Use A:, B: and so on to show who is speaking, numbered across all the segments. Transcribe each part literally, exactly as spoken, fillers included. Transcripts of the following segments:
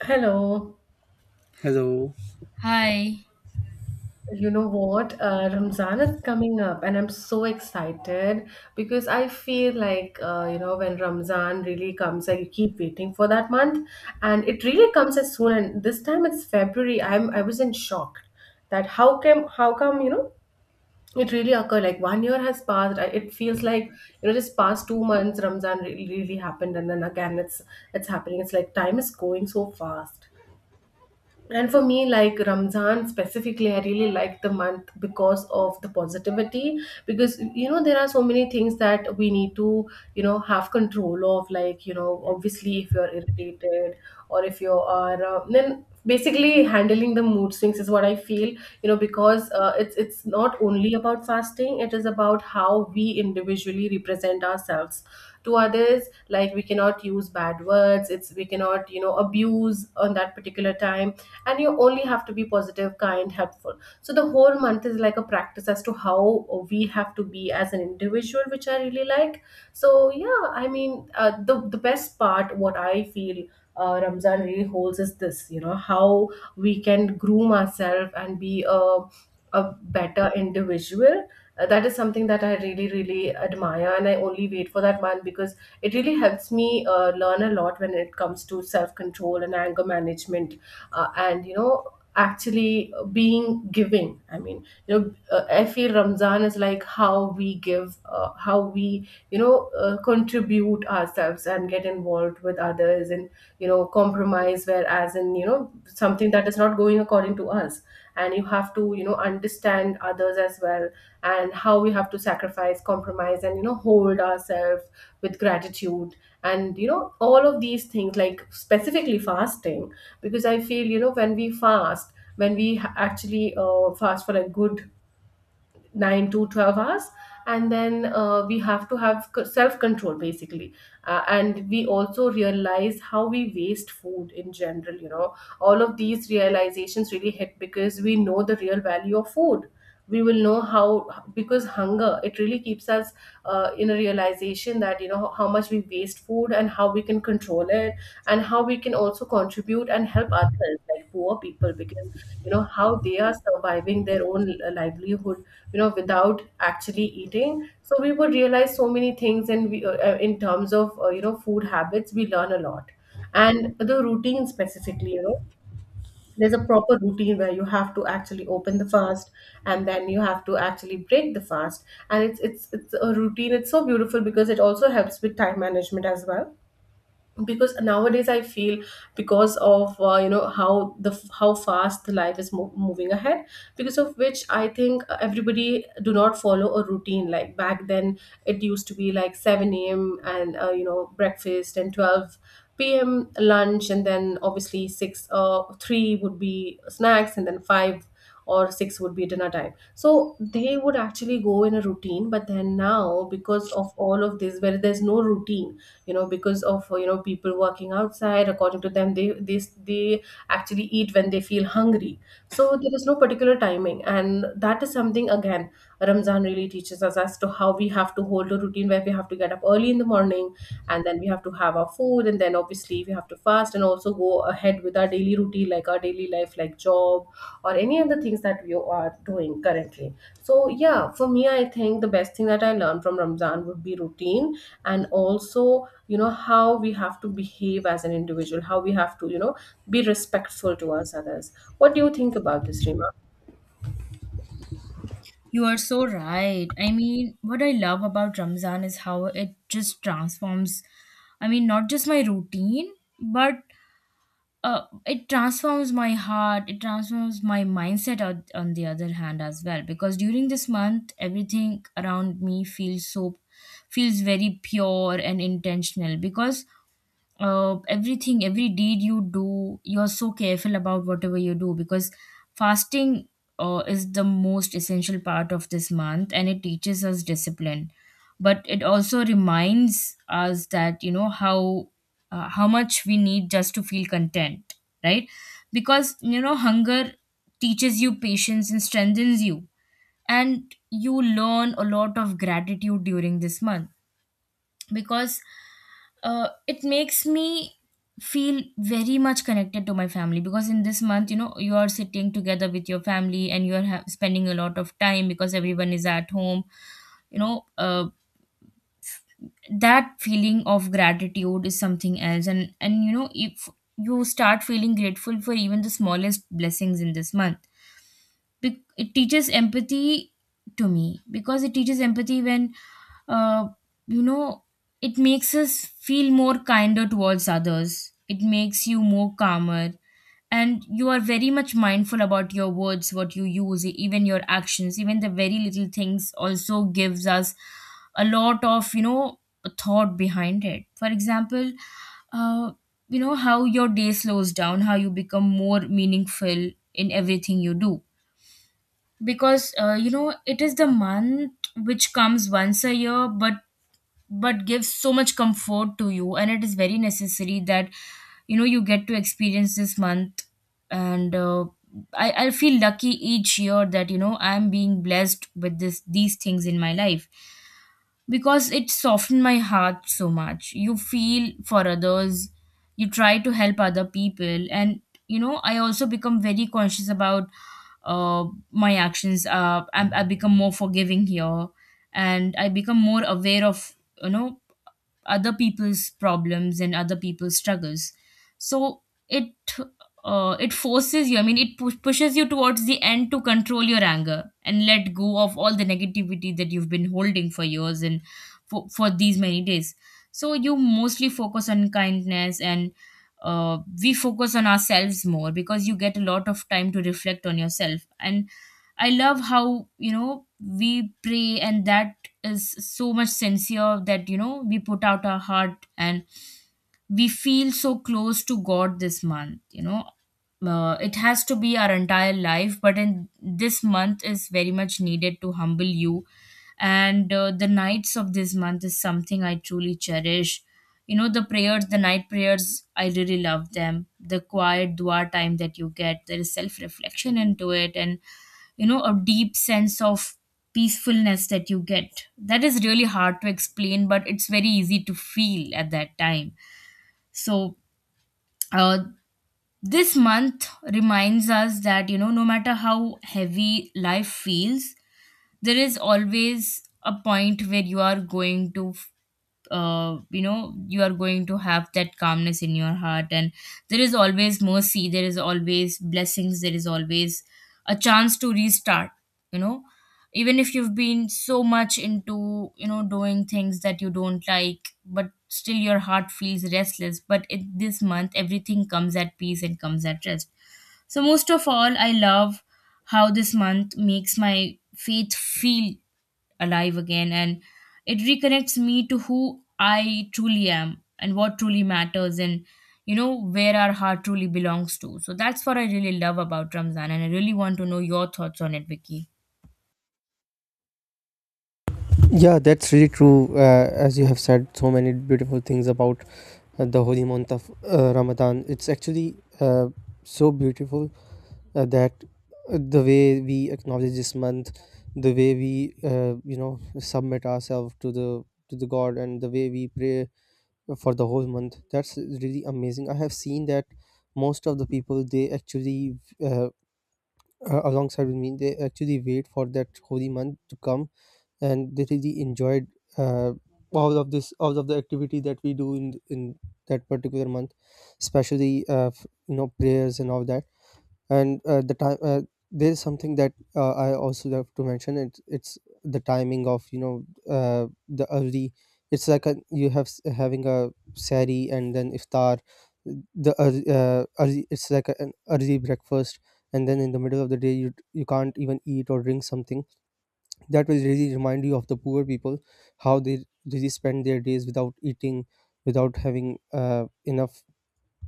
A: Hello.
B: Hello.
C: Hi,
A: You know what? Uh, Ramzan is coming up, and I'm so excited because I feel like, uh, you know, when Ramzan really comes, I keep waiting for that month, and it really comes as soon. And this time it's February. I'm I was in shock that how come how come, you know it really occurred like one year has passed. I- It feels like, you know just past two months Ramzan really, really happened, and then again it's it's happening. It's like time is going so fast. And for me, like Ramzan specifically, I really like the month because of the positivity. Because, you know, there are so many things that we need to, you know, have control of. Like, you know, obviously, if you're irritated or if you are, uh, then basically handling the mood swings is what I feel, you know, because uh, it's, it's not only about fasting, it is about how we individually represent ourselves to others. Like, we cannot use bad words. It's, we cannot, you know abuse on that particular time, and you only have to be positive, kind, helpful. So the whole month is like a practice as to how we have to be as an individual, which I really like. So yeah, i mean uh, the the best part what I feel uh, Ramzan really holds is this, you know how we can groom ourselves and be a, a better individual. Uh, that is something that I really, really admire, and I only wait for that month because it really helps me uh, learn a lot when it comes to self control and anger management. Uh, and you know actually Being giving, i mean you know uh, I feel Ramzan is like how we give, uh, how we, you know uh, contribute ourselves and get involved with others, and, you know compromise whereas in, you know something that is not going according to us, and you have to, you know understand others as well, and how we have to sacrifice, compromise, and, you know hold ourselves with gratitude. And, you know all of these things, like specifically fasting, because I feel, you know when we fast, when we ha- actually uh, fast for a good nine to twelve hours, and then uh, we have to have self control basically. Uh, and we also realize how we waste food in general, you know all of these realizations really hit because we know the real value of food. We will know how, because hunger, it really keeps us uh, in a realization that, you know how much we waste food and how we can control it, and how we can also contribute and help others like poor people, because, you know how they are surviving their own uh, livelihood, you know without actually eating. So we would realize so many things, and we, uh, uh, in terms of, uh, you know food habits, we learn a lot. And the routine specifically, you know there's a proper routine where you have to actually open the fast, and then you have to actually break the fast. And it's it's it's a routine, it's so beautiful because it also helps with time management as well. Because nowadays I feel, because of, uh, you know how the, how fast the life is mo- moving ahead, because of which I think everybody do not follow a routine. Like back then, it used to be like seven a.m. and, uh, you know breakfast, and twelve p.m. lunch, and then obviously six, uh, three would be snacks, and then five or six would be dinner time. So they would actually go in a routine, but then now, because of all of this, where there's no routine, you know because of, you know people working outside, according to them, they they, they actually eat when they feel hungry. So there is no particular timing, and that is something again Ramzan really teaches us, as to how we have to hold a routine where we have to get up early in the morning, and then we have to have our food, and then obviously we have to fast and also go ahead with our daily routine, like our daily life, like job or any other things that we are doing currently. So yeah, for me, I think the best thing that I learned from Ramzan would be routine, and also, you know how we have to behave as an individual, how we have to, you know be respectful towards others. What do you think about this, Rima?
C: you are so right. I mean, what I love about Ramzan is how it just transforms, I mean, not just my routine, but uh, it transforms my heart, it transforms my mindset on, on the other hand as well. Because during this month, everything around me feels so, feels very pure and intentional. Because uh, everything every deed you do, you're so careful about whatever you do, because fasting uh, is the most essential part of this month, and it teaches us discipline, but it also reminds us that you know how uh, how much we need just to feel content, right? Because you know, hunger teaches you patience and strengthens you, and you learn a lot of gratitude during this month because uh, it makes me feel very much connected to my family, because in this month, you know, you are sitting together with your family and you are ha- spending a lot of time because everyone is at home. You know, uh, that feeling of gratitude is something else, and and you know, if you start feeling grateful for even the smallest blessings in this month, be- it teaches empathy to me, because it teaches empathy when uh, you know, it makes us feel more kinder towards others, it makes you more calmer, and you are very much mindful about your words, what you use, even your actions, even the very little things also gives us a lot of, you know, thought behind it. For example, uh, you know, how your day slows down, how you become more meaningful in everything you do. Because uh, you know, it is the month which comes once a year, but but gives so much comfort to you, and it is very necessary that you know, you get to experience this month. And uh, I, I feel lucky each year that you know, I'm being blessed with this these things in my life, because it softened my heart so much. You feel for others, you try to help other people, and you know, I also become very conscious about uh, my actions. Uh, I, I become more forgiving here, and I become more aware of, you know, other people's problems and other people's struggles. So it uh, it forces you, I mean, it pu- pushes you towards the end to control your anger and let go of all the negativity that you've been holding for years and for, for these many days. So you mostly focus on kindness, and uh, we focus on ourselves more because you get a lot of time to reflect on yourself. And I love how, you know, we pray, and that is so much sincere that, you know, we put out our heart and we feel so close to God this month. You know, uh, it has to be our entire life, but in this month is very much needed to humble you. And uh, the nights of this month is something I truly cherish. You know, the prayers, the night prayers, I really love them, the quiet dua time that you get, there is self reflection into it, and you know, a deep sense of peacefulness that you get that is really hard to explain but it's very easy to feel at that time. So, uh, this month reminds us that, you know, no matter how heavy life feels, there is always a point where you are going to uh, you know, you are going to have that calmness in your heart. And there is always mercy, there is always blessings, there is always a chance to restart, you know, even if you've been so much into, you know, doing things that you don't like but still your heart feels restless, but in this month everything comes at peace and comes at rest. So most of all, I love how this month makes my faith feel alive again, and it reconnects me to who I truly am and what truly matters, and you know, where our heart truly belongs to. So that's what I really love about Ramzan, and I really want to know your thoughts on it, Vicky.
B: Yeah, that's really true. Uh, as you have said, so many beautiful things about uh, the holy month of uh, Ramadan. It's actually uh, so beautiful uh, that uh, the way we acknowledge this month, the way we uh, you know submit ourselves to the to the God, and the way we pray for the whole month. That's really amazing. I have seen that most of the people they actually uh, uh, alongside with me they actually wait for that holy month to come and they really enjoyed uh, all of this all of the activity that we do in in that particular month, especially uh, f- you know prayers and all that. And uh, the time, uh, there's something that uh, I also love to mention. It's it's the timing of you know uh, the early, it's like a, you have s- having a sari and then iftar, the early, uh, early it's like a, an early breakfast, and then in the middle of the day you you can't even eat or drink something that will really remind you of the poor people, how they really spend their days without eating, without having uh, enough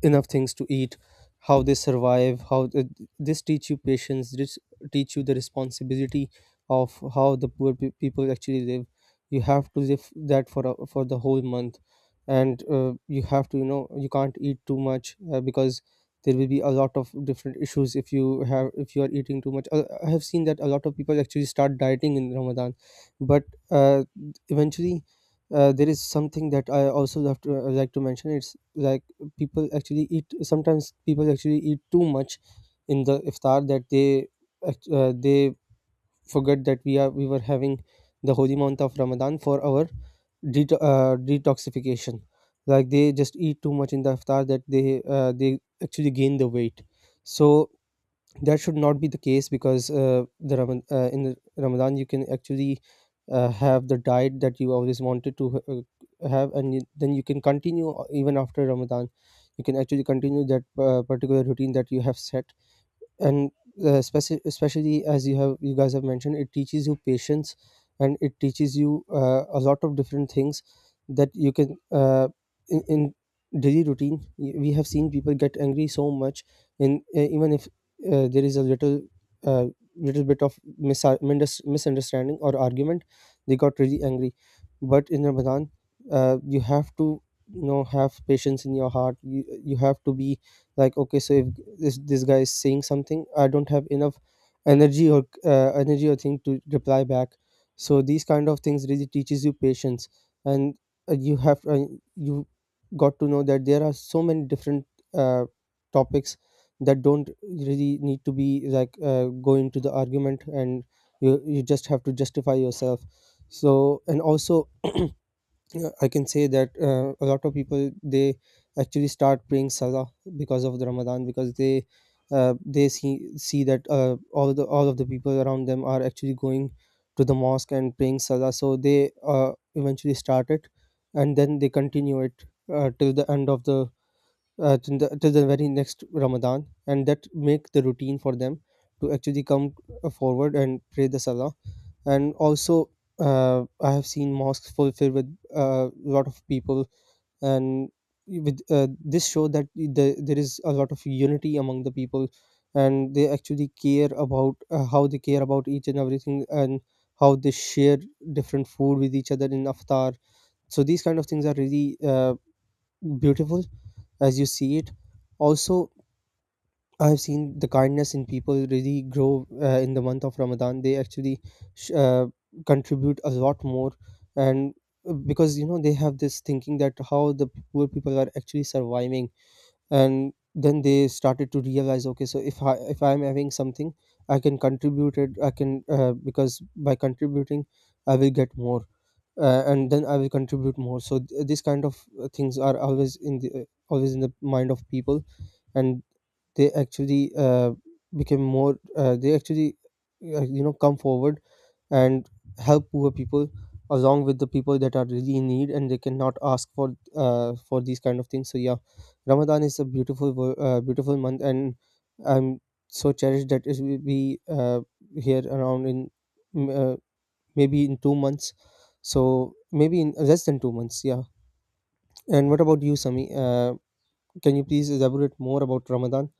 B: enough things to eat, how they survive, how th- this teach you patience, this teach you the responsibility of how the poor pe- people actually live. You have to live that for a, for the whole month. And uh, you have to you know you can't eat too much uh, because there will be a lot of different issues if you have if you are eating too much. uh, I have seen that a lot of people actually start dieting in ramadan, but uh, eventually uh, there is something that I also love to, uh, like to mention, it's like people actually eat, sometimes people actually eat too much in the iftar, that they act- uh, they forget that we are we were having the holy month of ramadan for our det- uh, detoxification. Like they just eat too much in the iftar that they uh, they actually gain the weight. So that should not be the case, because uh, the Ram- uh, in the Ramadan you can actually uh, have the diet that you always wanted to uh, have, and you, then you can continue uh, even after Ramadan. You can actually continue that uh, particular routine that you have set. And uh, speci- especially as you have you guys have mentioned, it teaches you patience, and it teaches you uh, a lot of different things that you can uh, in, in daily routine, y- we have seen people get angry so much in uh, even if uh, there is a little uh, little bit of mis- mindus- misunderstanding or argument, they got really angry. But in ramadan, uh, you have to you know have patience in your heart. You, you have to be like, okay, so if this, this guy is saying something, I don't have enough energy or uh, energy or thing to reply back. So these kind of things really teaches you patience. And uh, you have uh, you got to know that there are so many different uh, topics that don't really need to be like uh, go into the argument, and you you just have to justify yourself. So, and also yeah, I can say that uh, a lot of people they actually start praying salah because of the Ramadan, because they uh, they see see that uh, all the all of the people around them are actually going to the mosque and praying salah, so they uh, eventually start it, and then they continue it uh, till the end of the uh, till the till the very next Ramadan, and that make the routine for them to actually come uh, forward and pray the salah. And also, uh, I have seen mosques fulfilled with a uh, lot of people, and with uh, this show that the, there is a lot of unity among the people, and they actually care about uh, how they care about each and everything, and how they share different food with each other in iftar. So these kind of things are really uh, beautiful as you see it. Also, I've seen the kindness in people really grow uh, in the month of Ramadan. They actually sh- uh, contribute a lot more, and uh, because you know they have this thinking that how the poor people are actually surviving, and then they started to realize, okay, so if I if I'm having something, I can contribute it, I can, uh, because by contributing I will get more, uh, and then I will contribute more. So th- these kind of uh, things are always in the uh, always in the mind of people, and they actually uh, became more, uh, they actually uh, you know come forward and help poor people along with the people that are really in need and they cannot ask for uh, for these kind of things. So yeah, Ramadan is a beautiful, wo- uh, beautiful month, and I'm so cherished that it will be uh, here around in mm, uh, maybe in two months. So maybe in less than two months, yeah. And what about you, Sami? Uh, can you please elaborate more about Ramadan?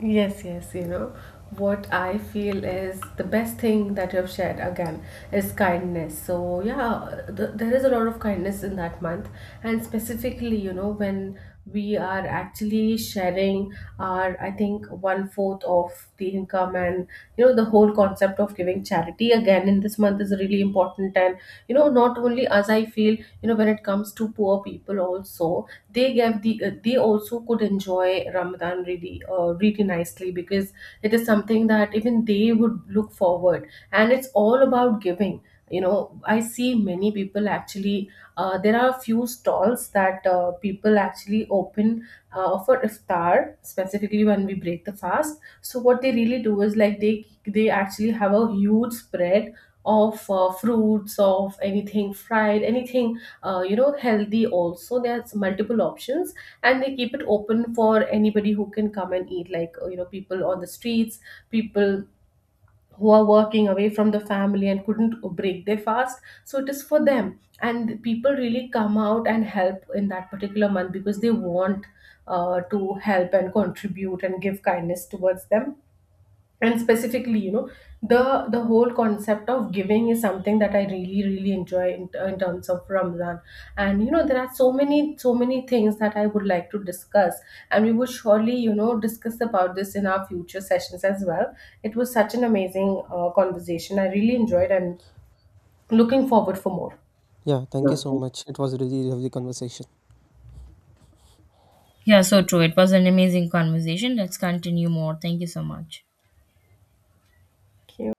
A: Yes, yes, you know, what I feel is the best thing that you've shared again is kindness. So yeah, th there is a lot of kindness in that month, and specifically, you know, when we are actually sharing our, I think, one fourth of the income, and, you know, the whole concept of giving charity again in this month is really important. And, you know not only, as I feel, you know when it comes to poor people also, they give the, uh, they also could enjoy Ramadan really, uh, really nicely, because it is something that even they would look forward, and it's all about giving, you know I see many people actually, uh, there are a few stalls that, uh, people actually open uh, for iftar, specifically when we break the fast. So what they really do is like, they they actually have a huge spread of uh, fruits, of anything fried, anything uh, you know healthy also. There's multiple options, and they keep it open for anybody who can come and eat, like, uh, you know people on the streets, people who are working away from the family and couldn't break their fast. So it is for them, and people really come out and help in that particular month, because they want uh, to help and contribute and give kindness towards them. And specifically, you know the the whole concept of giving is something that I really, really enjoy in, uh, in terms of Ramadan. And, you know there are so many so many things that I would like to discuss, and we will surely, you know discuss about this in our future sessions as well. It was such an amazing uh, conversation. I really enjoyed, and looking forward for more.
B: Yeah, thank you so
A: Yeah.
B: much. It was a really lovely conversation.
C: Yeah, so true. It was an amazing conversation. Let's continue more. Thank you so much.
A: Thank you.